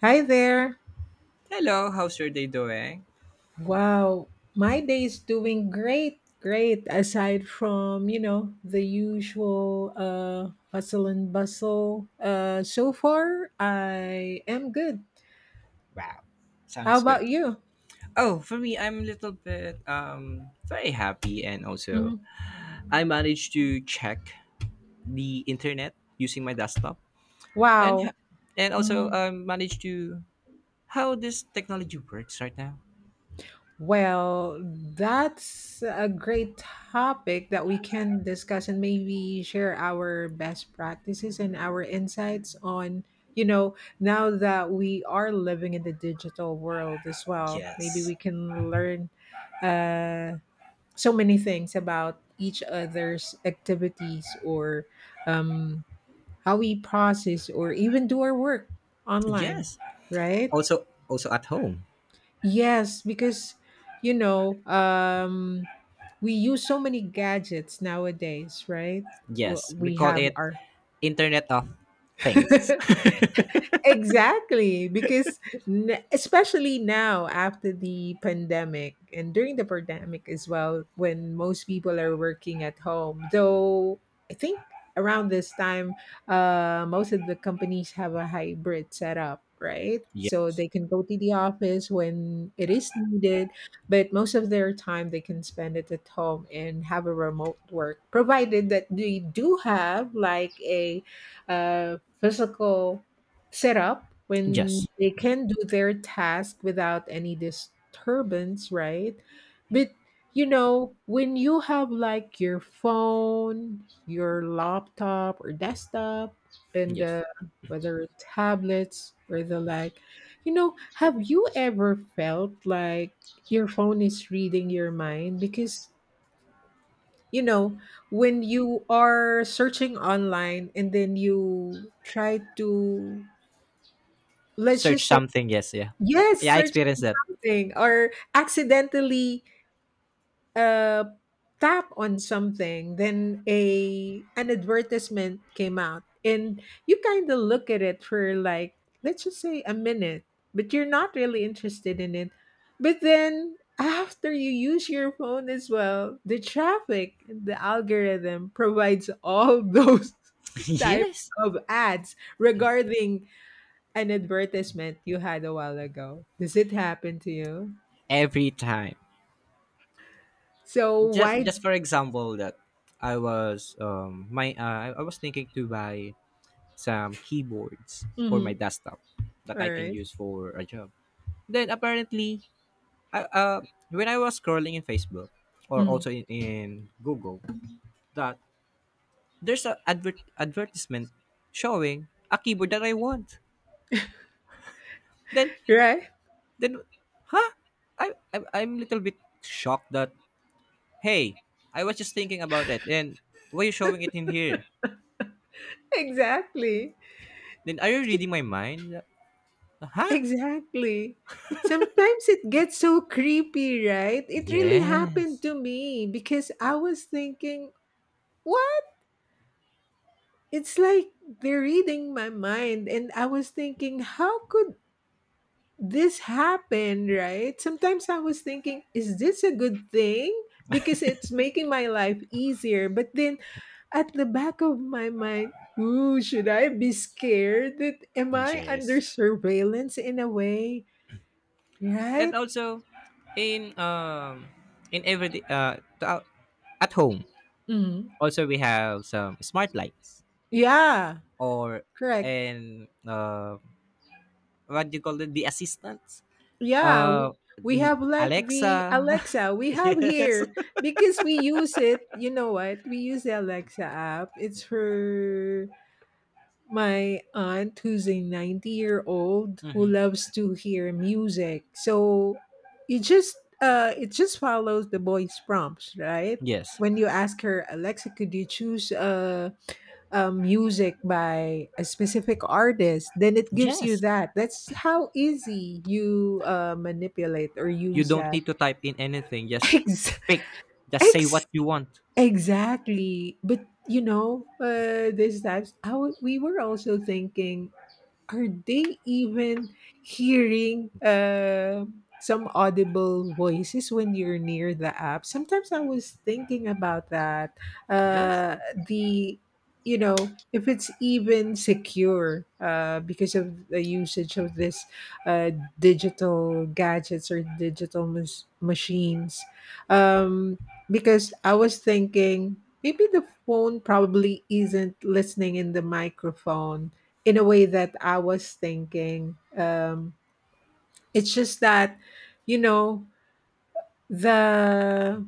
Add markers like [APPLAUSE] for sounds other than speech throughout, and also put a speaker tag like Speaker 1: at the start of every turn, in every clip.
Speaker 1: Hi there.
Speaker 2: Hello, how's your day doing?
Speaker 1: Wow, my day is doing great, great. Aside from, you know, the usual hustle and bustle. So far I am good.
Speaker 2: Wow,
Speaker 1: How
Speaker 2: sounds good.
Speaker 1: about you?
Speaker 2: Oh, for me, I'm a little bit very happy, and also
Speaker 1: Mhm.
Speaker 2: I managed to check the internet using my desktop and
Speaker 1: Wow.
Speaker 2: ha- and also
Speaker 1: Mhm.
Speaker 2: managed to how this technology works right now.
Speaker 1: Well, that's a great topic that we can discuss and maybe share our best practices and our insights on, you know, now that we are living in the digital world as well. Maybe
Speaker 2: Yes.
Speaker 1: we can learn uh, so many things about each other's activities or um, how we process or even do our work online,
Speaker 2: Yes.
Speaker 1: right?
Speaker 2: Also at home.
Speaker 1: Yes, because you know, we use so many gadgets nowadays, right? W-
Speaker 2: Yes, we
Speaker 1: We
Speaker 2: call
Speaker 1: have
Speaker 2: it
Speaker 1: our
Speaker 2: Internet of Things.
Speaker 1: [LAUGHS]
Speaker 2: [LAUGHS]
Speaker 1: Exactly, because especially now after the pandemic and during the pandemic as well, when most people are working at home, though I think around this time, most of the companies have a hybrid setup, right? So
Speaker 2: yes.
Speaker 1: they can go to the office when it is needed, but most of their time they can spend it at home and have a remote work, provided that they do have like a physical set up when
Speaker 2: Yes.
Speaker 1: they can do their task without any disturbance, right? But you know, when you have like your phone, your laptop or desktop, and
Speaker 2: Yes.
Speaker 1: uh, whether it's tablets or the like, you know, have you ever felt like your phone is reading your mind? Because, you know, when you are searching online and then you try to let's
Speaker 2: Search
Speaker 1: just say
Speaker 2: something. Yes. Yeah.
Speaker 1: Yes,
Speaker 2: Yeah, I
Speaker 1: search for
Speaker 2: experienced that.
Speaker 1: something or accidentally uh, tap on something. Then a an advertisement came out, and you kind of look at it for like let's just say a minute, but you're not really interested in it. But then after you use your phone as well, the traffic, the algorithm provides all [LAUGHS] those
Speaker 2: [LAUGHS]
Speaker 1: types
Speaker 2: yes.
Speaker 1: of ads regarding an advertisement you had a while ago. Does it happen to you?
Speaker 2: Every time.
Speaker 1: So
Speaker 2: Just
Speaker 1: why?
Speaker 2: just for example that I was my I was thinking to buy some keyboards for my
Speaker 1: Mhm.
Speaker 2: desktop that
Speaker 1: All
Speaker 2: I can
Speaker 1: right.
Speaker 2: use for a job. Then apparently, I, uh when I was scrolling in Facebook or
Speaker 1: Mhm.
Speaker 2: also in Google, that there's a advertisement showing a keyboard that I want. Then
Speaker 1: Right. [LAUGHS]
Speaker 2: then huh? I'm a little bit shocked that, hey, I was just thinking about it, and why are you showing it in here?
Speaker 1: Exactly.
Speaker 2: Then are you reading my mind? Huh?
Speaker 1: Exactly. Sometimes it gets so creepy, right? It really happened
Speaker 2: Yes.
Speaker 1: to me because I was thinking, what? It's like they're reading my mind. And I was thinking, how could this happen, right? Sometimes I was thinking, is this a good thing? Because it's making my life easier. But then at the back of my mind, ooh, should I be scared? That am I under
Speaker 2: Yes.
Speaker 1: surveillance in a way,
Speaker 2: And
Speaker 1: right?
Speaker 2: also in um in everyday at home,
Speaker 1: Mm.
Speaker 2: also we have some smart lights
Speaker 1: Yeah,
Speaker 2: or
Speaker 1: correct.
Speaker 2: and what do you call it, the assistants,
Speaker 1: Yeah, w- we
Speaker 2: the
Speaker 1: have like
Speaker 2: Alexa.
Speaker 1: the Alexa
Speaker 2: [LAUGHS]
Speaker 1: we have
Speaker 2: yes.
Speaker 1: here because we use it. You know what? We use the Alexa app. It's for my aunt who's a 90-year-old who
Speaker 2: Mhm.
Speaker 1: loves to hear music. So you just it just follows the voice prompts, right?
Speaker 2: Yes,
Speaker 1: When you ask her, Alexa, could you choose music by a specific artist, then it gives you
Speaker 2: yes,
Speaker 1: that. That's how easy you manipulate or
Speaker 2: you
Speaker 1: use
Speaker 2: don't
Speaker 1: that.
Speaker 2: need to type in anything, just
Speaker 1: Ex-
Speaker 2: speak, just say
Speaker 1: ex-
Speaker 2: what you want.
Speaker 1: exactly, but you know this times we were also thinking, are they even hearing some audible voices when you're near the app? Sometimes I was thinking about that.
Speaker 2: Yes,
Speaker 1: The You know, if it's even secure because of the usage of this uh, digital gadgets or digital machines. um, because I was thinking, maybe the phone probably isn't listening in the microphone in a way that I was thinking. It's just that, you know, the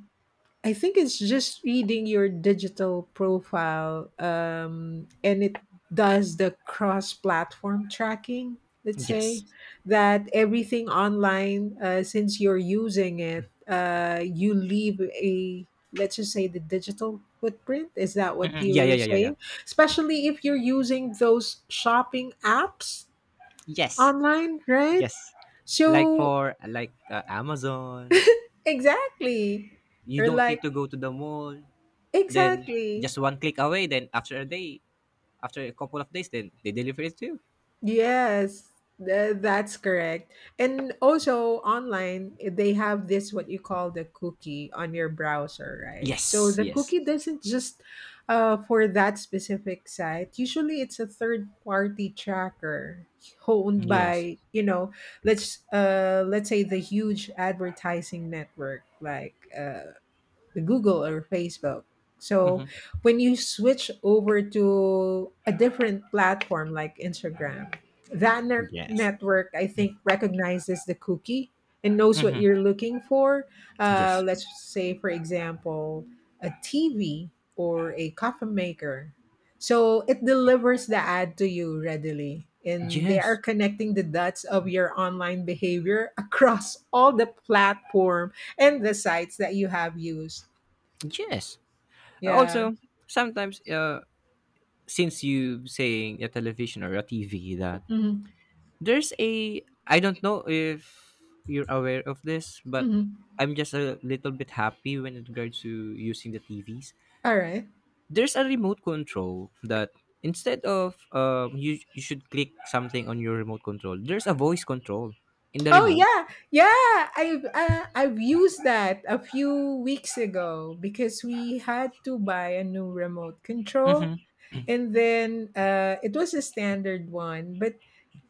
Speaker 1: I think it's just reading your digital profile, and it does the cross-platform tracking. Let's say
Speaker 2: yes.
Speaker 1: that everything online, since you're using it, you leave a let's just say the digital footprint. Is that what
Speaker 2: Mhm. Yeah, yeah,
Speaker 1: you're
Speaker 2: yeah, yeah, yeah.
Speaker 1: saying? Especially if you're using those shopping apps
Speaker 2: Yes,
Speaker 1: online, right?
Speaker 2: yes. Like
Speaker 1: So
Speaker 2: for like uh, Amazon,
Speaker 1: exactly,
Speaker 2: you
Speaker 1: or
Speaker 2: don't
Speaker 1: like
Speaker 2: need to go to the mall. Then
Speaker 1: exactly,
Speaker 2: just one click away. Then after a day, after a couple of days, then they deliver it to you.
Speaker 1: yes, that's correct. And also online, they have this what you call the cookie on your browser, right? So
Speaker 2: Yes,
Speaker 1: the
Speaker 2: yes,
Speaker 1: cookie doesn't just for that specific site. Usually, it's a third party tracker owned
Speaker 2: yes.
Speaker 1: by you know let's say the huge advertising network like the Google or Facebook. So
Speaker 2: Hmm,
Speaker 1: when you switch over to a different platform like Instagram, that
Speaker 2: yes.
Speaker 1: network I think recognizes the cookie and knows what
Speaker 2: Hmm,
Speaker 1: you're looking for.
Speaker 2: yes,
Speaker 1: Let's say, for example, a TV or a coffee maker. So it delivers the ad to you readily. And they are
Speaker 2: yes,
Speaker 1: connecting the dots of your online behavior [LAUGHS] across all the platform and the sites that you have used.
Speaker 2: yes.
Speaker 1: Yeah.
Speaker 2: Also, sometimes, since you saying a television or a TV that.
Speaker 1: Mm-hmm.
Speaker 2: There's a I don't know if you're aware of this, but
Speaker 1: Mm-hmm.
Speaker 2: I'm just a little bit happy when it regards to using the TVs.
Speaker 1: All right.
Speaker 2: There's a remote control that, instead of you should click something on your remote control, there's a voice control in the
Speaker 1: Oh
Speaker 2: remote.
Speaker 1: yeah, yeah. I've used that a few weeks ago because we had to buy a new remote control,
Speaker 2: Mm-hmm.
Speaker 1: and then it was a standard one, but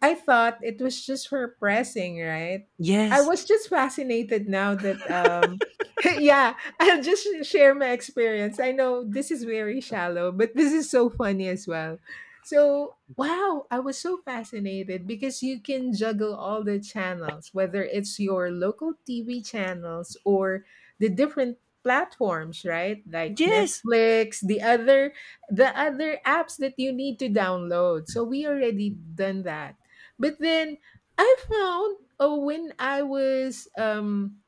Speaker 1: I thought it was just for pressing, right? I
Speaker 2: Yes.
Speaker 1: was just fascinated now that [LAUGHS] yeah, I'll just share my experience. I know this is very shallow, but this is so funny as well. So, wow, I was so fascinated because you can juggle all the channels, whether it's your local TV channels or the different platforms, right? Like
Speaker 2: Yes.
Speaker 1: Netflix, the other apps that you need to download. So we already done that. But then I found oh when I was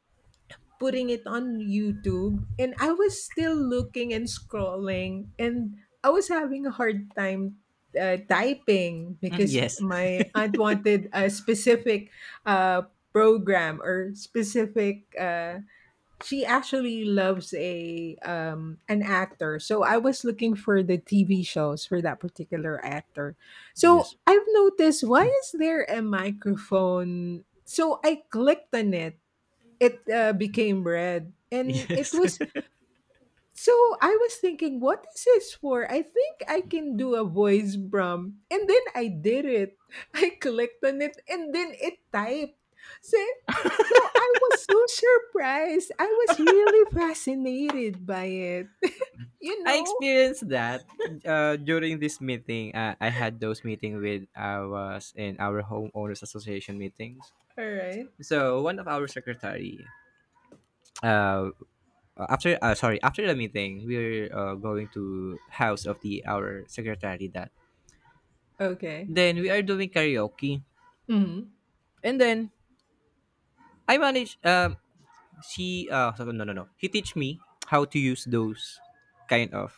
Speaker 1: putting it on YouTube and I was still looking and scrolling and I was having a hard time typing
Speaker 2: Mm,
Speaker 1: because
Speaker 2: yes. [LAUGHS]
Speaker 1: my aunt wanted a specific uh program or specific she actually loves a an actor. So I was looking for the TV shows for that particular actor. So
Speaker 2: Yes.
Speaker 1: I've noticed why is there a microphone? So I clicked on it. It became red and it
Speaker 2: Yes.
Speaker 1: was so I was thinking, what is this for? I think I can do a voice prompt. And then I did it. [LAUGHS] I clicked on it and then it typed. So, so I was so surprised. I was really fascinated by it. [LAUGHS] you
Speaker 2: [LAUGHS] I
Speaker 1: know?
Speaker 2: experienced that during this meeting. I had those meeting with I was in our homeowners association meetings.
Speaker 1: All right.
Speaker 2: So one of our secretary, uh, after sorry, after the meeting, we're going to house of the our secretary that.
Speaker 1: Okay.
Speaker 2: Then we are doing karaoke,
Speaker 1: Hmm.
Speaker 2: and then I manage. No, no, no. He teach me how to use those kind of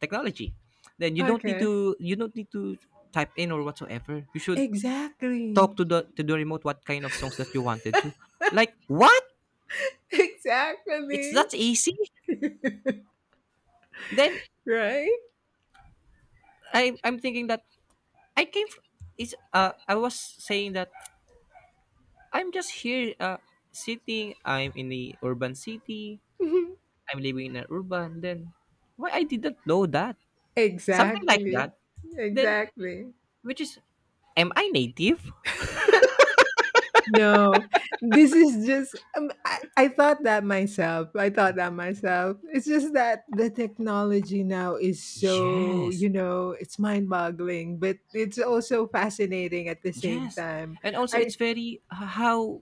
Speaker 2: technology. Then you don't need
Speaker 1: Okay.
Speaker 2: to you don't need to type in or whatsoever. You should
Speaker 1: Exactly.
Speaker 2: talk to
Speaker 1: [LAUGHS]
Speaker 2: the to the remote what kind of songs that you wanted to. Like what? It's
Speaker 1: Exactly.
Speaker 2: That's easy. Then
Speaker 1: Right?
Speaker 2: I'm thinking that I came from, I was saying that I'm just here, sitting. I'm in the urban city.
Speaker 1: [LAUGHS]
Speaker 2: I'm living in an urban. Then why I didn't know that? Something like
Speaker 1: exactly.
Speaker 2: that. Then
Speaker 1: Exactly.
Speaker 2: which is, am I native?
Speaker 1: No, this is just I thought that myself. I thought that myself. It's just that the technology now is so,
Speaker 2: Yes.
Speaker 1: you know, it's mind-boggling, but it's also fascinating at the same
Speaker 2: Yes.
Speaker 1: time.
Speaker 2: And also
Speaker 1: I
Speaker 2: it's very, how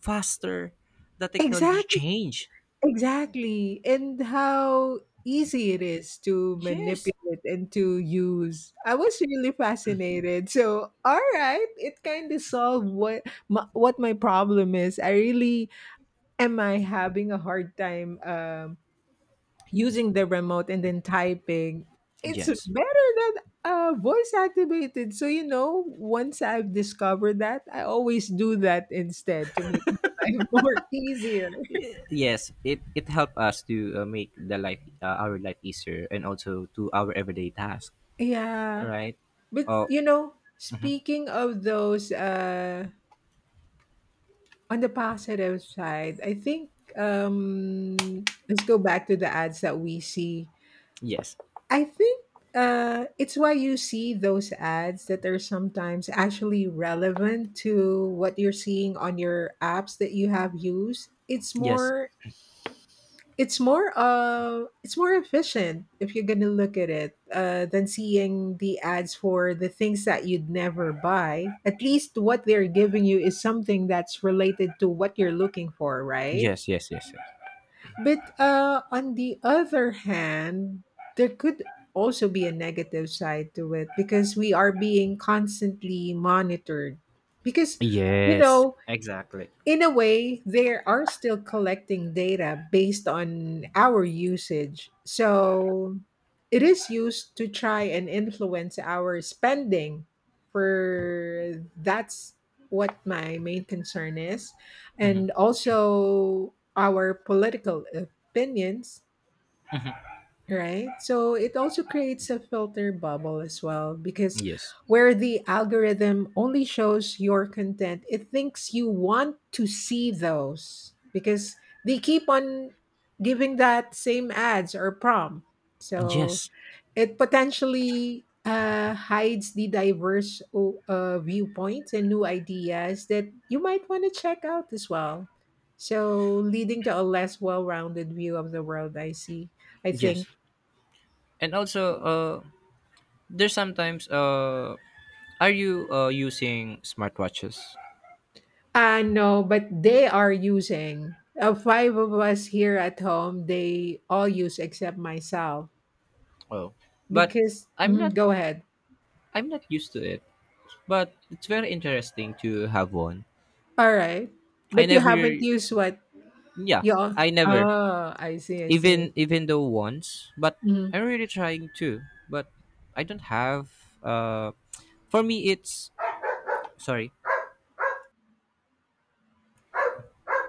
Speaker 2: faster the technology
Speaker 1: exactly
Speaker 2: change.
Speaker 1: exactly and how easy it is to
Speaker 2: Yes.
Speaker 1: manipulate and to use. I was really fascinated. So, all right, it kind of solved what what my problem is. I really am I having a hard time using the remote and then typing? It's
Speaker 2: Yes.
Speaker 1: better than voice activated. So, you know, once I've discovered that, I always do that instead to make my [LAUGHS] life more easier.
Speaker 2: Yes, it helped us to, make the life our life easier, and also to our everyday task.
Speaker 1: Yeah.
Speaker 2: Right?
Speaker 1: But,
Speaker 2: Oh,
Speaker 1: you know, speaking of those, on the positive side, I think let's go back to the ads that we see
Speaker 2: yes,
Speaker 1: I think it's why you see those ads that are sometimes actually relevant to what you're seeing on your apps that you have used.
Speaker 2: yes,
Speaker 1: It's more efficient if you're gonna look at it than seeing the ads for the things that you'd never buy. At least what they're giving you is something that's related to what you're looking for, right?
Speaker 2: yes, yes, yes,
Speaker 1: But on the other hand, there could also be a negative side to it because we are being constantly monitored. Because,
Speaker 2: yes,
Speaker 1: you
Speaker 2: yes,
Speaker 1: know,
Speaker 2: exactly,
Speaker 1: in a way, they are still collecting data based on our usage. So it is used to try and influence our spending. For that's what my main concern is. And also our political opinions. Right. So it also creates a filter bubble as well because
Speaker 2: yes,
Speaker 1: where the algorithm only shows your content, it thinks you want to see those because they keep on giving that same ads or prompt. So
Speaker 2: yes,
Speaker 1: it potentially hides the diverse viewpoints and new ideas that you might want to check out as well. So leading to a less well rounded view of the world, I see, I
Speaker 2: yes.
Speaker 1: think.
Speaker 2: And also, there's sometimes, are you using smartwatches?
Speaker 1: I no, but they are using. Five of us here at home, they all use except myself.
Speaker 2: Oh, but
Speaker 1: Because,
Speaker 2: I'm
Speaker 1: mhm,
Speaker 2: not.
Speaker 1: go ahead.
Speaker 2: I'm not used to it. But it's very interesting to have one.
Speaker 1: All right.
Speaker 2: I
Speaker 1: But you
Speaker 2: never.
Speaker 1: haven't used what
Speaker 2: Yeah,
Speaker 1: you all.
Speaker 2: I never.
Speaker 1: Oh, I see. I see.
Speaker 2: Even though once, but
Speaker 1: Mhm.
Speaker 2: I'm really trying to. But I don't have. For me, it's, sorry,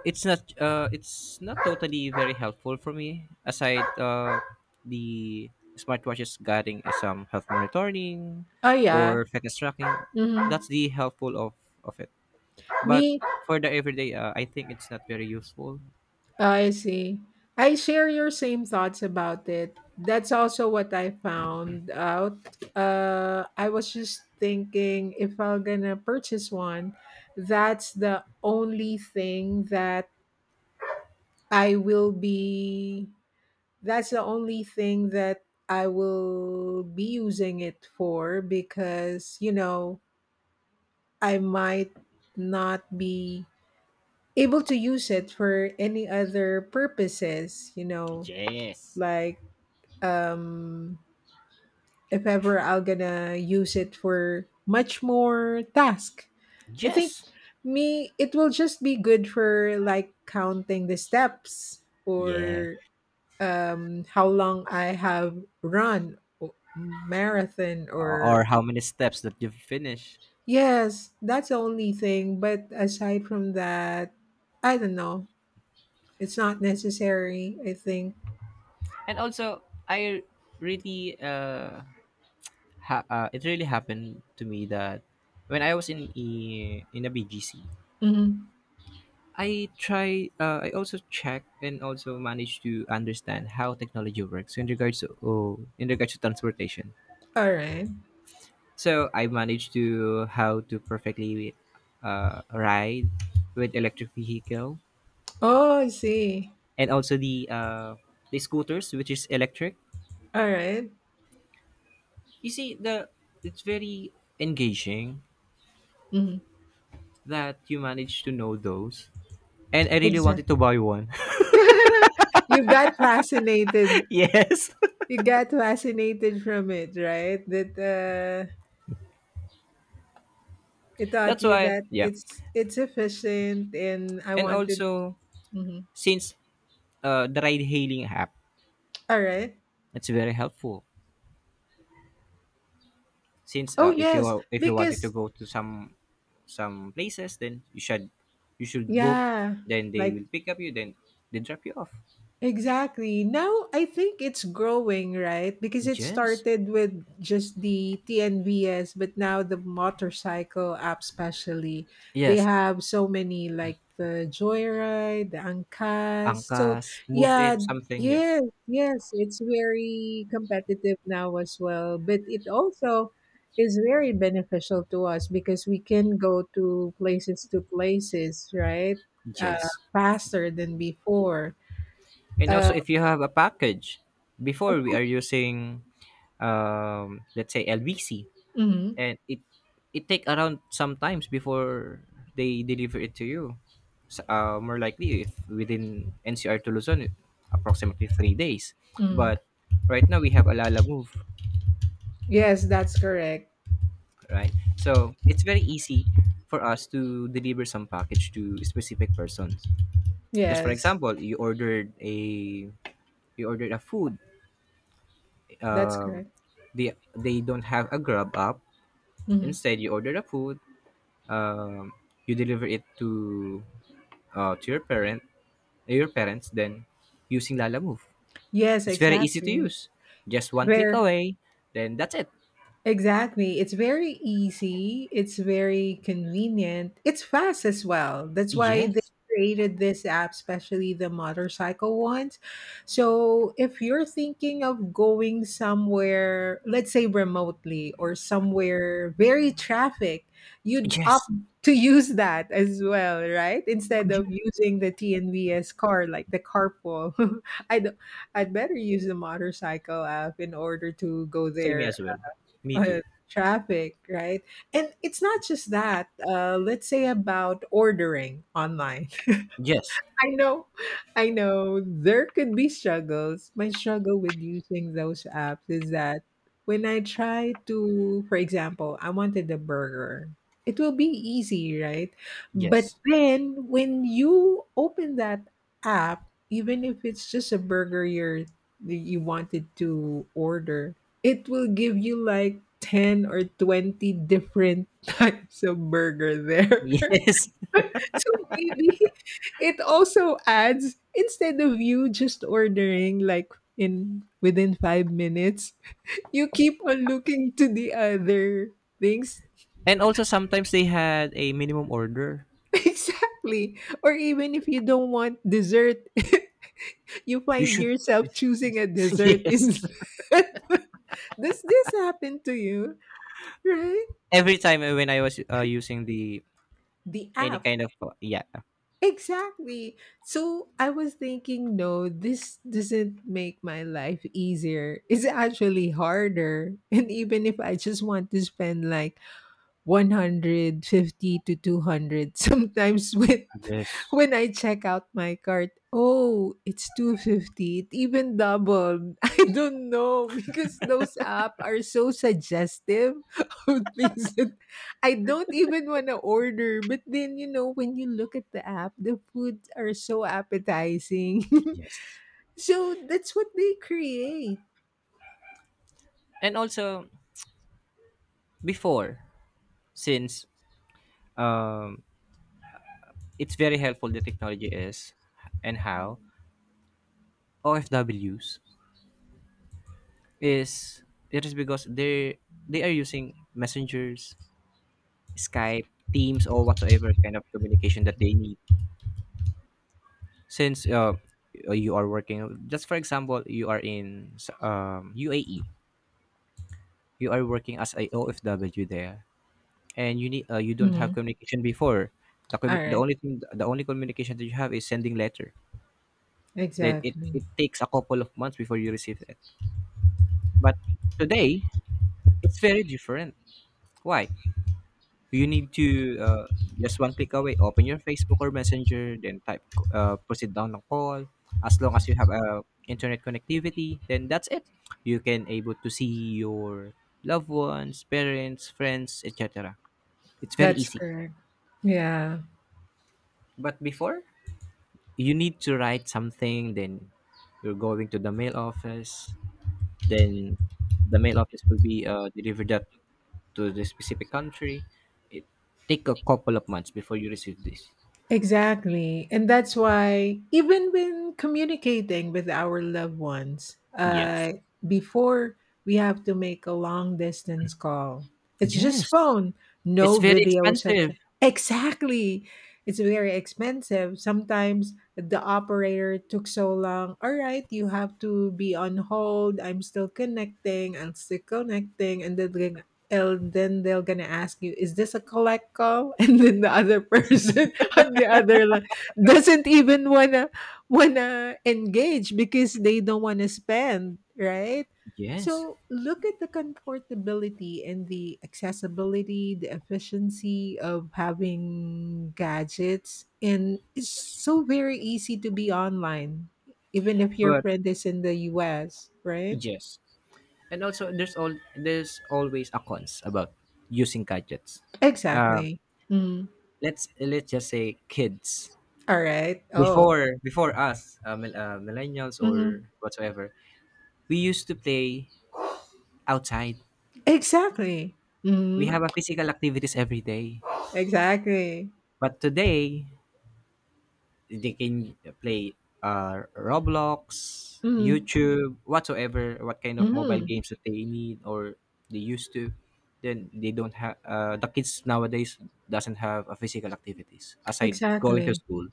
Speaker 2: it's not totally very helpful for me aside, the smartwatches guiding some health monitoring
Speaker 1: Oh, yeah.
Speaker 2: or fitness tracking.
Speaker 1: Hmm.
Speaker 2: That's the helpful of it. But
Speaker 1: Me,
Speaker 2: for the everyday, I think it's not very useful.
Speaker 1: I see. I share your same thoughts about it. That's also what I found out. I was just thinking if I'm gonna purchase one, that's the only thing that I will be. That's the only thing that I will be using it for because, you know, I might not be able to use it for any other purposes, you know,
Speaker 2: Yes.
Speaker 1: like um, if ever I'm gonna use it for much more task. I think
Speaker 2: Yes.
Speaker 1: me it will just be good for like counting the steps
Speaker 2: Yeah.
Speaker 1: or how long I have run marathon or
Speaker 2: Or how many steps that you've finished.
Speaker 1: yes, that's the only thing. But aside from that, I don't know. It's not necessary. I think.
Speaker 2: And also, I really, it really happened to me that, when I was in in a BGC,
Speaker 1: Mhm.
Speaker 2: I try. I also check and also manage to understand how technology works in regards to, oh, in regards to transportation.
Speaker 1: All right.
Speaker 2: So I managed to how to perfectly, ride with electric vehicle,
Speaker 1: Oh, I see.
Speaker 2: and also the scooters, which is electric.
Speaker 1: All right.
Speaker 2: You see, the it's very engaging
Speaker 1: Mhm.
Speaker 2: that you managed to know those, and I really wanted
Speaker 1: Exactly.
Speaker 2: to buy one.
Speaker 1: [LAUGHS] you got fascinated.
Speaker 2: [LAUGHS] yes.
Speaker 1: You got fascinated from it, right? That it
Speaker 2: [LAUGHS]
Speaker 1: taught
Speaker 2: That's
Speaker 1: you
Speaker 2: why.
Speaker 1: that
Speaker 2: Yeah.
Speaker 1: it's efficient, and I
Speaker 2: And
Speaker 1: wanted.
Speaker 2: also,
Speaker 1: Mhm.
Speaker 2: since the ride hailing app,
Speaker 1: All right.
Speaker 2: it's very helpful, since
Speaker 1: Oh yes,
Speaker 2: if you wanted to
Speaker 1: because
Speaker 2: go to some places, then you should book,
Speaker 1: yeah,
Speaker 2: then they
Speaker 1: like
Speaker 2: will pick up you, then they drop you off.
Speaker 1: Exactly. Now I think it's growing, right? Because it
Speaker 2: Yes,
Speaker 1: started with just the TNVS, but now the motorcycle app especially, they
Speaker 2: yes.
Speaker 1: have so many like the Joyride, the Angkas. So
Speaker 2: Angkas, Move
Speaker 1: yeah,
Speaker 2: It, something. Yes.
Speaker 1: yes, yes, it's very competitive now as well. But it also is very beneficial to us because we can go to places, right?
Speaker 2: Yes.
Speaker 1: Faster than before.
Speaker 2: And
Speaker 1: Uh,
Speaker 2: also, if you have a package, before we are using, let's say LVC,
Speaker 1: Mm-hmm.
Speaker 2: and it take around sometimes before they deliver it to you. More likely, if within NCR to Luzon, approximately 3 days.
Speaker 1: Hmm.
Speaker 2: But right now we have Alala Move,
Speaker 1: Yes, that's correct.
Speaker 2: right? So it's very easy for us to deliver some package to specific persons. Just for
Speaker 1: Yes,
Speaker 2: example, you ordered a food.
Speaker 1: that's
Speaker 2: Um,
Speaker 1: correct.
Speaker 2: they don't have a Grab app.
Speaker 1: Hmm.
Speaker 2: Instead, you order the food. Um, you deliver it to, to your parents, then using Lala Move.
Speaker 1: Yes,
Speaker 2: It's very easy to
Speaker 1: exactly.
Speaker 2: use. Just one click
Speaker 1: Where?
Speaker 2: away, then that's it.
Speaker 1: Exactly. It's very easy. It's very convenient. It's fast as well. That's why they
Speaker 2: Yes.
Speaker 1: created this app, especially the motorcycle ones. So if you're thinking of going somewhere, let's say remotely or somewhere very traffic, you'd
Speaker 2: Yes.
Speaker 1: opt to [LAUGHS] use that as well, right? Instead of using the TNVS car, like the carpool. [LAUGHS] I don't I'd better use the motorcycle app in order to go
Speaker 2: Same
Speaker 1: there,
Speaker 2: as well. Me
Speaker 1: uh,
Speaker 2: too.
Speaker 1: traffic, right? And it's not just that. Let's say about ordering online.
Speaker 2: Yes.
Speaker 1: I know, I know. There could be struggles. My struggle with using those apps is that when I try to, for example, I wanted a burger, it will be easy, right? But
Speaker 2: Yes. [LAUGHS]
Speaker 1: then when you open that app, even if it's just a burger you wanted to order, it will give you like 10 or 20 different [LAUGHS] types of burger there.
Speaker 2: Yes.
Speaker 1: So maybe [LAUGHS] it also adds instead of you just ordering like in within 5 minutes, you keep on looking to the other things.
Speaker 2: And also, sometimes they had a minimum order.
Speaker 1: [LAUGHS] Exactly. Or even if you don't want dessert, [LAUGHS] you
Speaker 2: You
Speaker 1: find
Speaker 2: should. [LAUGHS]
Speaker 1: yourself choosing a dessert
Speaker 2: Yes.
Speaker 1: instead. [LAUGHS] Does this happen to you? Right?
Speaker 2: Every time when I was, using the
Speaker 1: The
Speaker 2: any
Speaker 1: app.
Speaker 2: kind of, yeah.
Speaker 1: Exactly. So I was thinking, no, this doesn't make my life easier. It's actually harder. And even if I just want to spend like 150 to 200 [LAUGHS] sometimes with
Speaker 2: Yes.
Speaker 1: when I check out my cart, oh, it's 250. It even doubled. [LAUGHS] I don't know. [LAUGHS] Because those apps are so suggestive [LAUGHS] of things that I don't even want to order. But then you know, when you look at the app, the foods are so appetizing.
Speaker 2: Yes.
Speaker 1: [LAUGHS] So that's what they create.
Speaker 2: And also, before, since um. it's very helpful, the technology is, and how OFWs is. It is, because they are using messengers, Skype, Teams, or whatsoever kind of communication that they need. Since, you are working. Just for example, you are in, UAE. You are working as a OFW there, and you don't have
Speaker 1: Mhm.
Speaker 2: communication before. The,
Speaker 1: All
Speaker 2: commu- the
Speaker 1: right.
Speaker 2: only thing The only communication that you have is sending letter. Then it,
Speaker 1: Exactly.
Speaker 2: it takes a couple of months before you receive it. But today, it's very different. Why? You need to, just one click away. Open your Facebook or Messenger, then type, proceed down the call. As long as you have, internet connectivity, then that's it. You can able to see your loved ones, parents, friends, etc. It's very
Speaker 1: That's
Speaker 2: easy.
Speaker 1: correct. Yeah.
Speaker 2: But before, you need to write something. Then you're going to the mail office. Then the mail office will be, delivered that to the specific country. It take a couple of months before you receive this.
Speaker 1: Exactly. And that's why, even when communicating with our loved ones,
Speaker 2: Yes.
Speaker 1: before, we have to make a long distance call, it's just
Speaker 2: Yes.
Speaker 1: phone,
Speaker 2: It's
Speaker 1: no
Speaker 2: very
Speaker 1: video. Such
Speaker 2: expensive.
Speaker 1: exactly. It's very expensive. Sometimes the operator took so long. All right, you have to be on hold. I'm still connecting. I'm still connecting. And then they're gonna ask you, "Is this a collect call?" [LAUGHS] And then the other person [LAUGHS] on the other line doesn't even wanna wanna engage because they don't wanna spend, right?
Speaker 2: Yes.
Speaker 1: So look at the comfortability and the accessibility, the efficiency of having gadgets, and it's so very easy to be online, even if your
Speaker 2: But
Speaker 1: friend is in the U.S., right?
Speaker 2: yes. And also, there's always a cons about using gadgets. Uh,
Speaker 1: Exactly. Mm.
Speaker 2: let's just say kids.
Speaker 1: All right. Oh.
Speaker 2: Before us, millennials
Speaker 1: Mhm.
Speaker 2: or whatsoever, we used to play outside.
Speaker 1: Exactly.
Speaker 2: We
Speaker 1: Mhm.
Speaker 2: have a physical activities every day.
Speaker 1: Exactly.
Speaker 2: But today, they can play Roblox,
Speaker 1: Mhm.
Speaker 2: YouTube, whatsoever what kind of mobile
Speaker 1: Mhm.
Speaker 2: games that they need, or they used to the kids nowadays doesn't have a physical activities aside going to
Speaker 1: Exactly.
Speaker 2: school.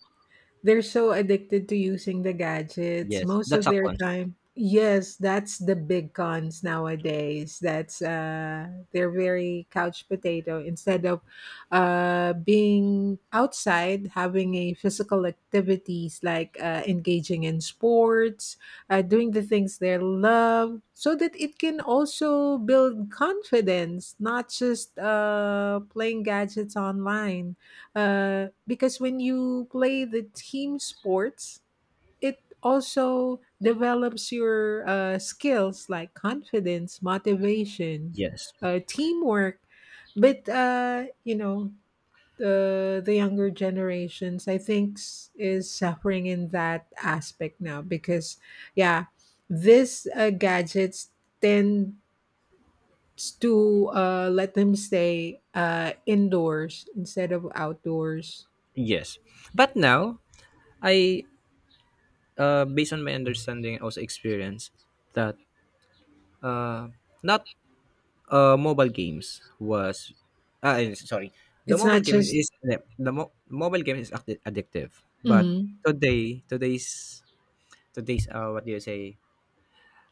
Speaker 1: They're so addicted to using the gadgets
Speaker 2: Yes,
Speaker 1: most of
Speaker 2: that's a
Speaker 1: their
Speaker 2: cons.
Speaker 1: time. Yes, that's the big cons nowadays. That's they're very couch potato instead of being outside having a physical activities like engaging in sports, doing the things they love so that it can also build confidence, not just playing gadgets online, because when you play the team sports, it also develops your skills like confidence, motivation,
Speaker 2: Yes,
Speaker 1: teamwork. But you know, the younger generations, I think, is suffering in that aspect now because, yeah, this gadgets tend to let them stay indoors instead of outdoors.
Speaker 2: yes, but now, I based on my understanding and also experience that, uh, not mobile games was, sorry, the
Speaker 1: It's not
Speaker 2: mobile game
Speaker 1: just
Speaker 2: is the mo- mobile game is addi- addictive. But
Speaker 1: mhm,
Speaker 2: today today's today's, what do you say?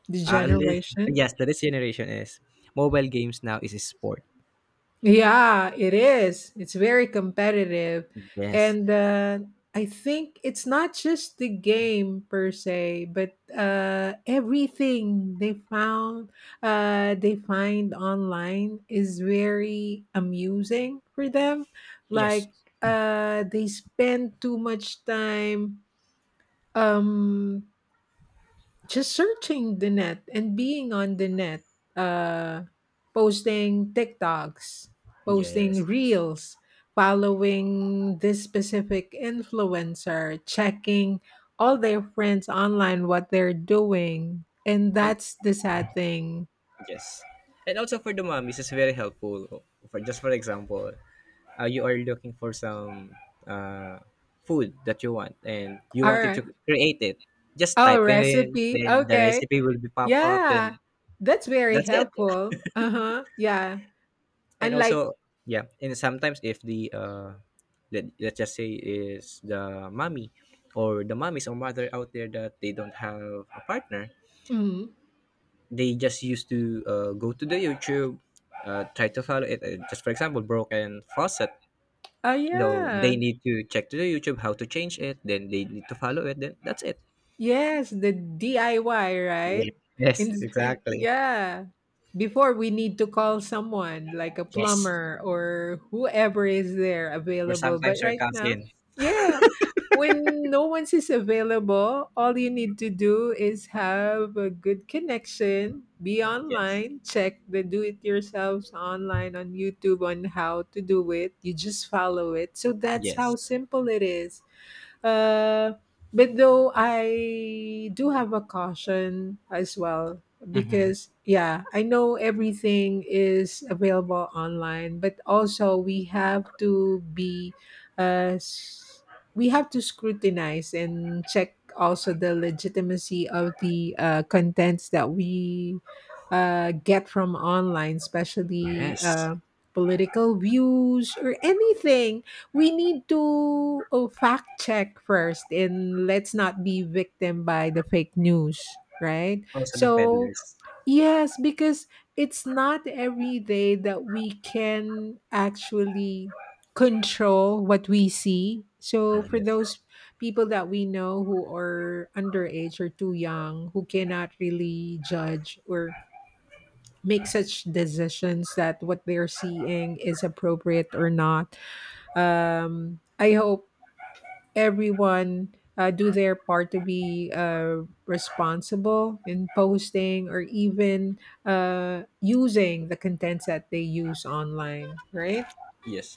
Speaker 1: the
Speaker 2: uh, li-
Speaker 1: generation.
Speaker 2: yes, today's generation is, mobile games now is a sport.
Speaker 1: Yeah, it is. It's very competitive.
Speaker 2: Yes.
Speaker 1: And I think it's not just the game per se, but everything they found, they find online is very amusing for them.
Speaker 2: Yes.
Speaker 1: Like they spend too much time um just searching the net and being on the net, uh, posting TikToks, posting
Speaker 2: Yes.
Speaker 1: reels, following this specific influencer, checking all their friends online what they're doing. And
Speaker 2: And
Speaker 1: that's the sad thing.
Speaker 2: yes. And also, for the mommies, it's very helpful. For, just for example, you are looking for some, uh, food that you want, and you
Speaker 1: All
Speaker 2: wanted to
Speaker 1: right.
Speaker 2: create it. Just
Speaker 1: Oh,
Speaker 2: type it in,
Speaker 1: recipe.
Speaker 2: then the
Speaker 1: Okay.
Speaker 2: recipe will be pop up.
Speaker 1: Yeah.
Speaker 2: Then
Speaker 1: That's very
Speaker 2: that's it.
Speaker 1: helpful. Uh huh. Yeah.
Speaker 2: [LAUGHS] And
Speaker 1: Unlike,
Speaker 2: also, yeah. And sometimes, if the let, let's just say, is the mommy or the mommies or mother out there that they don't have a partner.
Speaker 1: mm.
Speaker 2: They just used to, go to the YouTube, try to follow it, just for example, broken faucet.
Speaker 1: Oh,
Speaker 2: No, they
Speaker 1: yeah.
Speaker 2: need to check to the YouTube how to change it, then they need to follow it, then that's it.
Speaker 1: Yes, the DIY,
Speaker 2: Yeah.
Speaker 1: right?
Speaker 2: Yes,
Speaker 1: In,
Speaker 2: exactly.
Speaker 1: yeah. Before we need to call someone like a
Speaker 2: Yes.
Speaker 1: plumber or whoever is there
Speaker 2: Or
Speaker 1: available. But
Speaker 2: sometimes your
Speaker 1: right now,
Speaker 2: cousin.
Speaker 1: yeah, when no one's is available, all you need to do is have a good connection, be
Speaker 2: Yes.
Speaker 1: online, check the do it yourselves online on YouTube on how to do it. You just follow it. So that's how
Speaker 2: Yes.
Speaker 1: simple it is. Uh, but though I do have a caution as well
Speaker 2: Mm-hmm.
Speaker 1: because yeah, I know everything is available online, but also we have to be uh s- we have to scrutinize and check also the legitimacy of the contents that we get from online, especially
Speaker 2: Yes.
Speaker 1: political views or anything we need to oh, fact check first and let's not be victim by the fake news, right?
Speaker 2: Also the
Speaker 1: So
Speaker 2: peddlers.
Speaker 1: yes, because it's not every day that we can actually control what we see. So for
Speaker 2: Yes.
Speaker 1: those people that we know who are underage or too young who cannot really judge or make such decisions that what they're seeing is appropriate or not, I hope everyone do their part to be responsible in posting or even using the contents that they use online, right?
Speaker 2: Yes.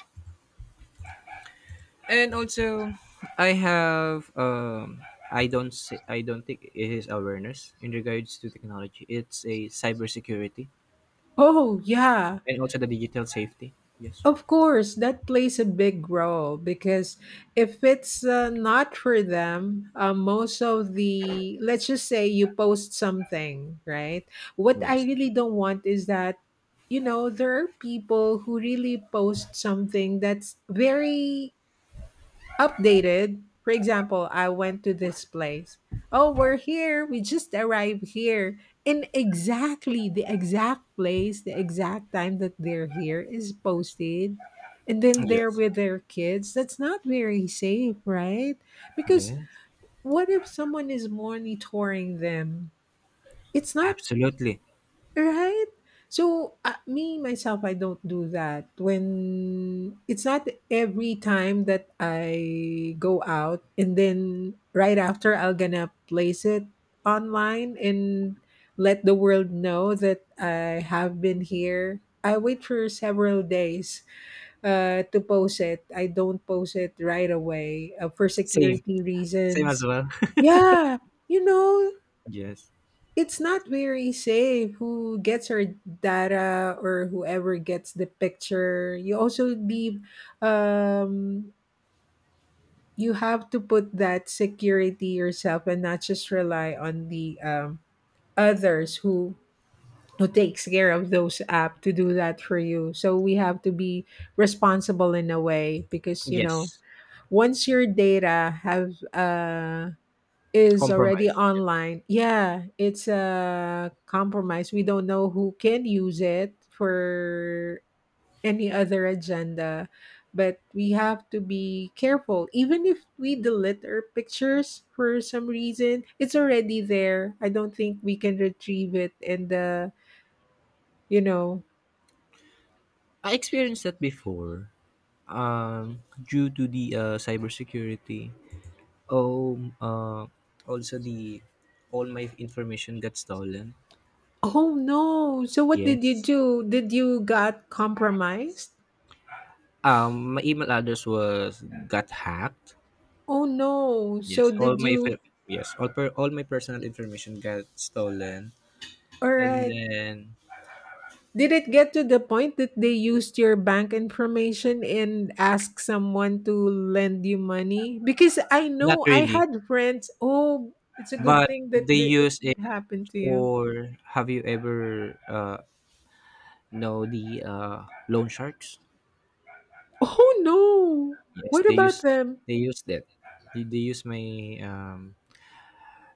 Speaker 2: And also, I have, I don't think it is awareness in regards to technology. It's a cybersecurity,
Speaker 1: Oh yeah,
Speaker 2: and also the digital safety. Yes.
Speaker 1: of course, that plays a big role because if it's not for them, most of the, let's just say you post something, right? What I
Speaker 2: Yes.
Speaker 1: really don't want is that, you know, there are people who really post something that's very updated. For example, I went to this place. Oh, we're here. We just arrived here. And exactly the exact place, the exact time that they're here is posted. And then they're
Speaker 2: Yes.
Speaker 1: with their kids. That's not very safe, right? Because
Speaker 2: Yes.
Speaker 1: what if someone is monitoring them? It's not
Speaker 2: Absolutely.
Speaker 1: right? So, me myself, I don't do that. When it's not every time that I go out and then right after I'll gonna place it online and let the world know that I have been here. I wait for several days to post it. I don't post it right away for
Speaker 2: Same.
Speaker 1: security
Speaker 2: Same as
Speaker 1: reasons.
Speaker 2: well. [LAUGHS]
Speaker 1: Yeah, you know,
Speaker 2: Yes.
Speaker 1: it's not very safe who gets our data or whoever gets the picture. You also leave um you have to put that security yourself and not just rely on the others who takes care of those app to do that for you. So we have to be responsible in a way because you know
Speaker 2: Yes.
Speaker 1: once your data have is already
Speaker 2: Compromise. Yeah.
Speaker 1: online. Yeah, it's a compromise. We don't know who can use it for any other agenda, but we have to be careful. Even if we delete our pictures for some reason, it's already there. I don't think we can retrieve it and you know.
Speaker 2: I experienced that before. Due to the, cybersecurity. Oh, also the all my information got stolen.
Speaker 1: Oh no. So what did you
Speaker 2: Yes.
Speaker 1: do? Did you got compromised?
Speaker 2: My email address was got hacked.
Speaker 1: Oh no. So
Speaker 2: Yes. All
Speaker 1: did
Speaker 2: my
Speaker 1: you.
Speaker 2: fi- yes, all per, all my personal information got stolen,
Speaker 1: All
Speaker 2: and
Speaker 1: right.
Speaker 2: then
Speaker 1: Did it get to the point that they used your bank information and asked someone to lend you money? Because I
Speaker 2: not
Speaker 1: know I
Speaker 2: really,
Speaker 1: had friends. Oh, it's a good
Speaker 2: but
Speaker 1: thing that
Speaker 2: they
Speaker 1: the, it
Speaker 2: use
Speaker 1: didn't
Speaker 2: it
Speaker 1: happen to you.
Speaker 2: for. Have you ever, no, the, loan sharks.
Speaker 1: Oh no!
Speaker 2: Yes,
Speaker 1: What
Speaker 2: they
Speaker 1: about
Speaker 2: use
Speaker 1: them?
Speaker 2: they use that. They use my, um,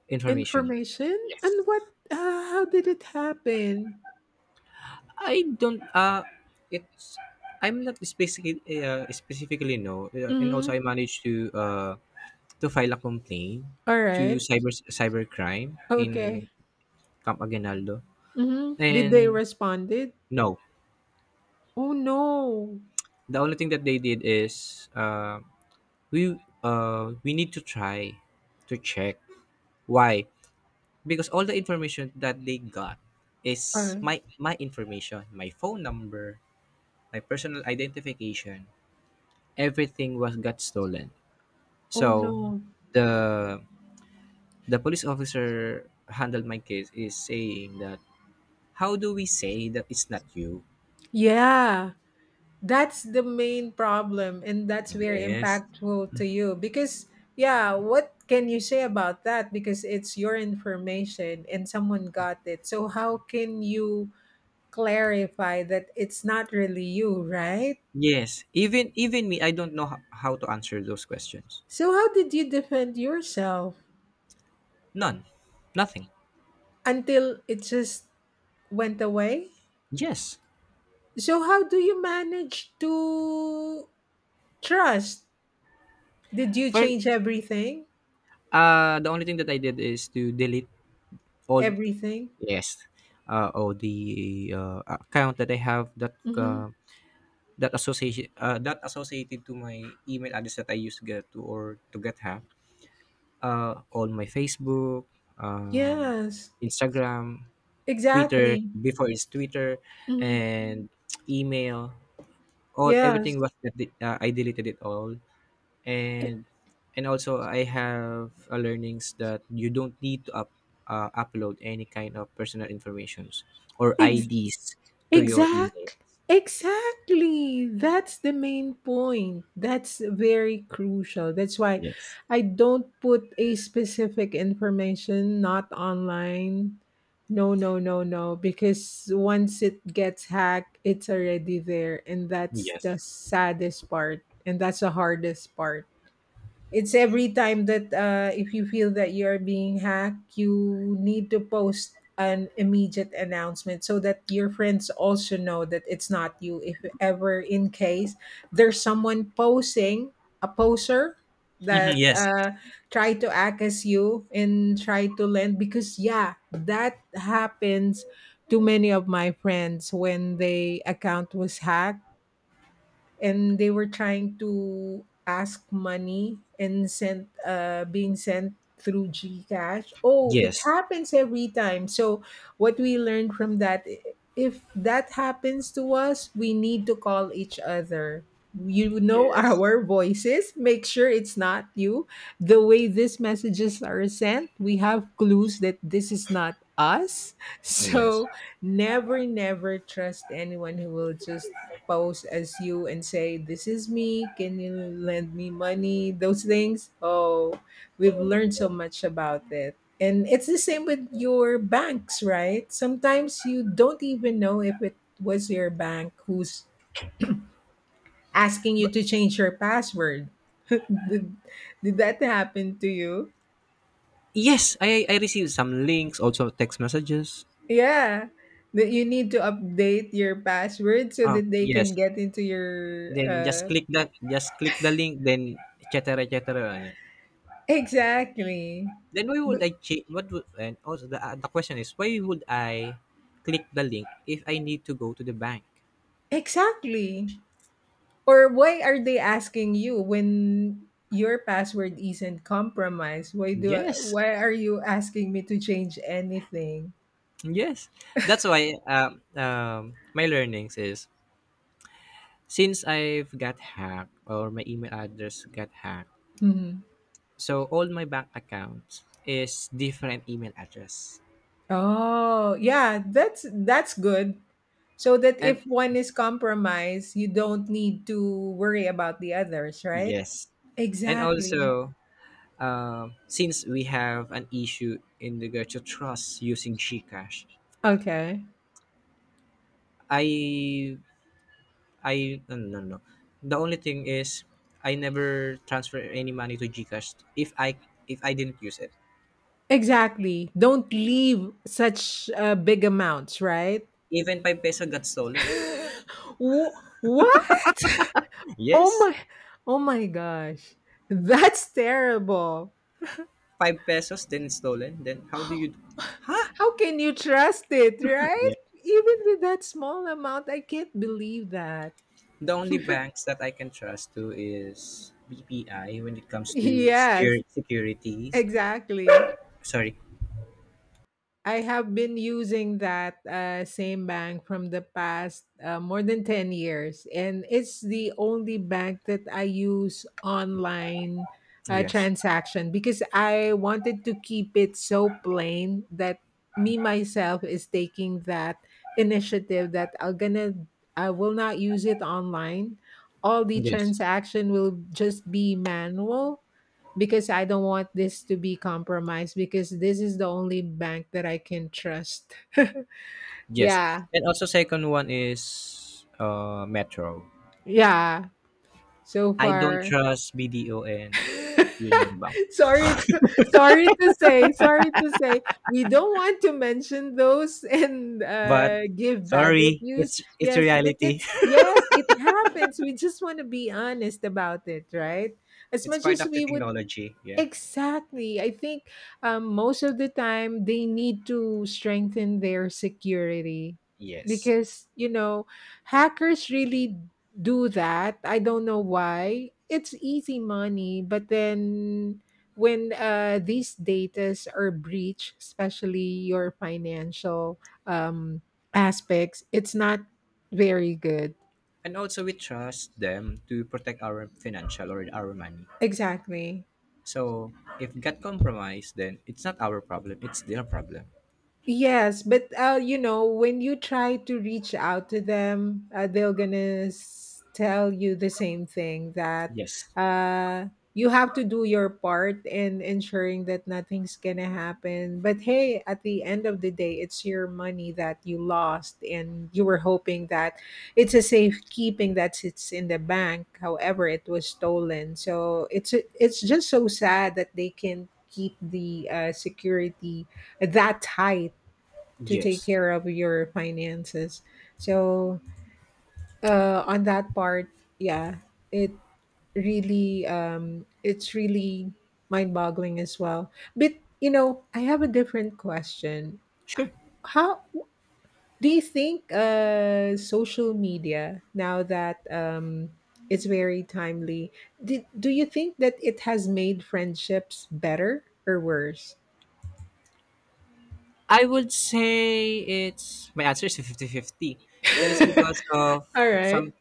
Speaker 2: information.
Speaker 1: Information
Speaker 2: Yes.
Speaker 1: and what? How did it happen?
Speaker 2: I don't. It's I'm not specifically specifically no, and also
Speaker 1: Mm-hmm.
Speaker 2: I managed to file a complaint
Speaker 1: All
Speaker 2: to
Speaker 1: right.
Speaker 2: cybercrime in
Speaker 1: Okay.
Speaker 2: Camp Aguinaldo,
Speaker 1: Mm-hmm. Did they
Speaker 2: and
Speaker 1: responded?
Speaker 2: no,
Speaker 1: Oh no!
Speaker 2: the only thing that they did is we need to try to check why, because all the information that they got
Speaker 1: All
Speaker 2: is
Speaker 1: right.
Speaker 2: my information, my phone number, my personal identification, everything was got stolen.
Speaker 1: Oh
Speaker 2: So
Speaker 1: no!
Speaker 2: the the police officer handled my case is saying that how do we say that it's not you.
Speaker 1: Yeah. That's the main problem and that's very
Speaker 2: Yes,
Speaker 1: impactful to you because yeah, what can you say about that because it's your information and someone got it, so how can you clarify that it's not really you, right?
Speaker 2: yes. Even me, I don't know how to answer those questions.
Speaker 1: So how did you defend yourself
Speaker 2: None. Nothing.
Speaker 1: until it just went away?
Speaker 2: Yes.
Speaker 1: So how do you manage to trust? Did you
Speaker 2: for
Speaker 1: change everything?
Speaker 2: The only thing that I did is to delete all.
Speaker 1: Everything.
Speaker 2: Yes. Oh, the account that I have that
Speaker 1: Mm-hmm.
Speaker 2: that association that associated to my email address that I used to get to or to get hacked. All my Facebook, um,
Speaker 1: Yes,
Speaker 2: Instagram, Twitter.
Speaker 1: exactly.
Speaker 2: Before it's Twitter,
Speaker 1: Mhm.
Speaker 2: and email. All
Speaker 1: Yes,
Speaker 2: everything was that I deleted it all, and and also I have a learnings that you don't need to upload any kind of personal informations or
Speaker 1: ex-
Speaker 2: IDs to your email.
Speaker 1: exact, exactly. That's the main point. That's very crucial. That's why
Speaker 2: Yes.
Speaker 1: I don't put a specific information not online. No, no, no, no. Because once it gets hacked, it's already there, and that's the
Speaker 2: Yes.
Speaker 1: saddest part, and that's the hardest part. It's every time that if you feel that you're being hacked, you need to post an immediate announcement so that your friends also know that it's not you. If ever in case there's someone posing, a poser
Speaker 2: Hmm,
Speaker 1: that
Speaker 2: yes.
Speaker 1: try to act as you and try to lend because yeah, that happens to many of my friends when they account was hacked and they were trying to ask money and sent being sent through Gcash. Oh, it
Speaker 2: Yes.
Speaker 1: happens every time. So what we learned from that, if that happens to us, we need to call each other. You know [LAUGHS]
Speaker 2: Yes.
Speaker 1: our voices. Make sure it's not you. The way these messages are sent, we have clues that this is not us. [LAUGHS]
Speaker 2: Yes.
Speaker 1: So never, never trust anyone who will just pose as you and say, "This is me. Can you lend me money?" Those things. Oh, we've learned so much about it. And it's the same with your banks, right? Sometimes you don't even know if it was your bank who's asking you
Speaker 2: But
Speaker 1: to change your password. [LAUGHS] did, did that happen to you?
Speaker 2: yes, I received some links, also text messages.
Speaker 1: Yeah. That you need to update your password so that they can
Speaker 2: Yes.
Speaker 1: get into your
Speaker 2: Then just click the link, then etc cetera, etc. Cetera. Ano.
Speaker 1: exactly.
Speaker 2: Then why would
Speaker 1: But
Speaker 2: I change? What would, and also the question is why would I click the link if I need to go to the bank?
Speaker 1: exactly. Or why are they asking you when your password isn't compromised?
Speaker 2: Yes,
Speaker 1: Why are you asking me to change anything?
Speaker 2: yes. That's why my learnings is, since I've got hacked, or my email address got hacked,
Speaker 1: Mhm.
Speaker 2: so all my bank accounts is different email address.
Speaker 1: Oh, yeah, that's good. So that
Speaker 2: And
Speaker 1: if one is compromised, you don't need to worry about the others, right?
Speaker 2: yes, and
Speaker 1: Exactly.
Speaker 2: also since we have an issue in regard to trust using Gcash,
Speaker 1: Okay.
Speaker 2: I I no, no, no. no. The only thing is I never transfer any money to GCash if I didn't use it.
Speaker 1: Exactly. Don't leave such big amounts, right?
Speaker 2: Even 5 peso got stolen.
Speaker 1: [LAUGHS] Wh- what? Oh
Speaker 2: Yes,
Speaker 1: my oh my gosh. That's terrible.
Speaker 2: 5 pesos then stolen. Then
Speaker 1: [LAUGHS]
Speaker 2: how do
Speaker 1: How
Speaker 2: you.
Speaker 1: can you trust it, right?
Speaker 2: Yeah.
Speaker 1: Even with that small amount, I can't believe that.
Speaker 2: The only banks that I can trust to is BPI when it
Speaker 1: [LAUGHS]
Speaker 2: comes to
Speaker 1: Yes,
Speaker 2: security securities.
Speaker 1: exactly.
Speaker 2: Sorry.
Speaker 1: I have been using that same bank from the past more than 10 years. And it's the only bank that I use online
Speaker 2: Yes.
Speaker 1: transaction because I wanted to keep it so plain that me myself is taking that initiative that I will not use it online. All the
Speaker 2: Yes.
Speaker 1: transaction will just be manual because I don't want this to be compromised because this is the only bank that I can trust. [LAUGHS]
Speaker 2: Yes.
Speaker 1: yeah.
Speaker 2: And also second one is Metro.
Speaker 1: Yeah. So
Speaker 2: I don't
Speaker 1: far.
Speaker 2: trust BDO and
Speaker 1: [LAUGHS]
Speaker 2: Union Bank.
Speaker 1: Sorry to say. We don't want to mention those and
Speaker 2: But
Speaker 1: give bad
Speaker 2: sorry,
Speaker 1: reviews.
Speaker 2: it's
Speaker 1: Yes, but
Speaker 2: reality.
Speaker 1: it's
Speaker 2: [LAUGHS]
Speaker 1: yes, it happens. We just want to be honest about it, right? As
Speaker 2: It's
Speaker 1: much
Speaker 2: part
Speaker 1: as
Speaker 2: of the
Speaker 1: we would.
Speaker 2: technology. Yeah.
Speaker 1: Exactly. I think most of the time they need to strengthen their security
Speaker 2: Yes.
Speaker 1: because, you know, hackers really do that. I don't know why. It's easy money, but then when these datas are breached, especially your financial um, aspects, it's not very good.
Speaker 2: And also we trust them to protect our financial or our money.
Speaker 1: Exactly.
Speaker 2: So if got compromised, then it's not our problem. It's their problem.
Speaker 1: Yes, but you know, when you try to reach out to them, they're gonna tell you the same thing that
Speaker 2: Yes.
Speaker 1: uh, you have to do your part in ensuring that nothing's gonna happen. But hey, at the end of the day, it's your money that you lost, and you were hoping that it's a safekeeping that sits in the bank. However, it was stolen, so it's just so sad that they can keep the security that tight to take
Speaker 2: Yes.
Speaker 1: care of your finances. So on that part, yeah, it really it's really mind boggling as well. But you know, I have a different question.
Speaker 2: Sure.
Speaker 1: How do you think social media now that it's very timely? Do you think that it has made friendships better or worse?
Speaker 2: I would say it's my answer is 50-50. Is because of
Speaker 1: [LAUGHS] All right.
Speaker 2: some,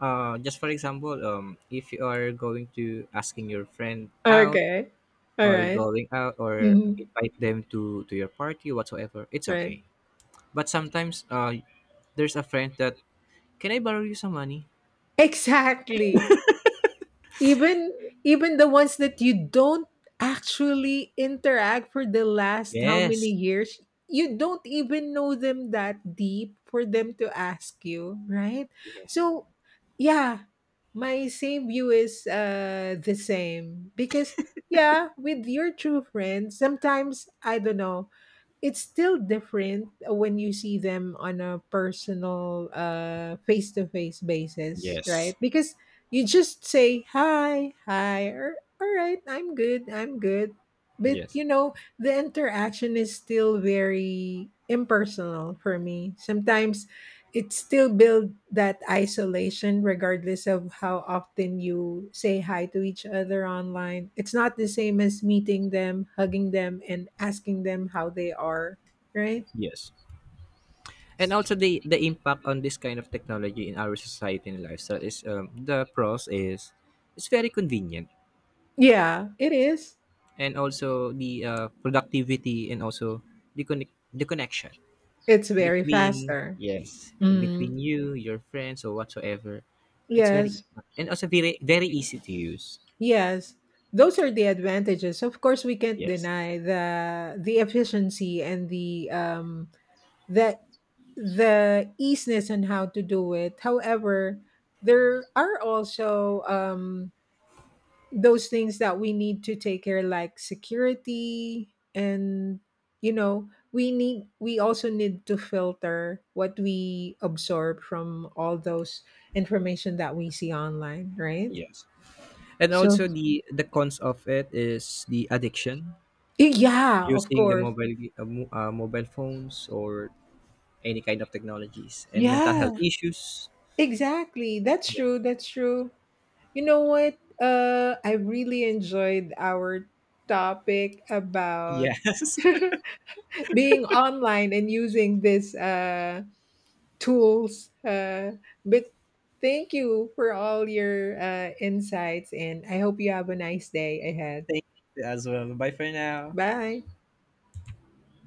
Speaker 2: just for example, if you are going to asking your friend out
Speaker 1: Okay. All
Speaker 2: or
Speaker 1: right.
Speaker 2: going out or
Speaker 1: Mhm.
Speaker 2: invite them to your party whatsoever, it's
Speaker 1: Right.
Speaker 2: okay. But sometimes, there's a friend that, can I borrow you some money?
Speaker 1: Exactly. Even even the ones that you don't actually interact for the last how many
Speaker 2: Yes,
Speaker 1: years, you don't even know them that deep for them to ask you, right?
Speaker 2: yes,
Speaker 1: So, yeah, my same view is the same because yeah, with your true friends, sometimes I don't know, it's still different when you see them on a personal face-to-face basis,
Speaker 2: yes,
Speaker 1: right? Because you just say hi or all right, I'm good I'm good, but
Speaker 2: yes,
Speaker 1: you know the interaction is still very impersonal for me sometimes. It still build that isolation regardless of how often you say hi to each other online. It's not the same as meeting them, hugging them and asking them how they are, right?
Speaker 2: yes. And also the impact on this kind of technology in our society and lifestyle is, the pros is it's very convenient,
Speaker 1: Yeah, it is.
Speaker 2: and also the productivity, and also the connection
Speaker 1: It's very
Speaker 2: between,
Speaker 1: faster.
Speaker 2: yes,
Speaker 1: mm,
Speaker 2: between you, your friends or whatsoever. It's very
Speaker 1: yes.
Speaker 2: And also very easy to use.
Speaker 1: Yes, those are the advantages. Of course we can't
Speaker 2: Yes.
Speaker 1: deny the efficiency and the easiness on how to do it. However, there are also those things that we need to take care, like security, and you know, we also need to filter what we absorb from all those information that we see online, right?
Speaker 2: Yes. And
Speaker 1: So
Speaker 2: also the cons of it is the addiction,
Speaker 1: yeah, of
Speaker 2: using the
Speaker 1: course,
Speaker 2: mobile phones or any kind of technologies, and mental
Speaker 1: yeah,
Speaker 2: health issues.
Speaker 1: exactly. That's
Speaker 2: Yeah.
Speaker 1: true. That's true. You know what? I really enjoyed our topic
Speaker 2: [LAUGHS]
Speaker 1: about
Speaker 2: Yes.
Speaker 1: [LAUGHS] being online and using these tools. But thank you for all your insights, and I hope you have a nice day ahead.
Speaker 2: [LAUGHS] Thank you as well. Bye for now.
Speaker 1: Bye.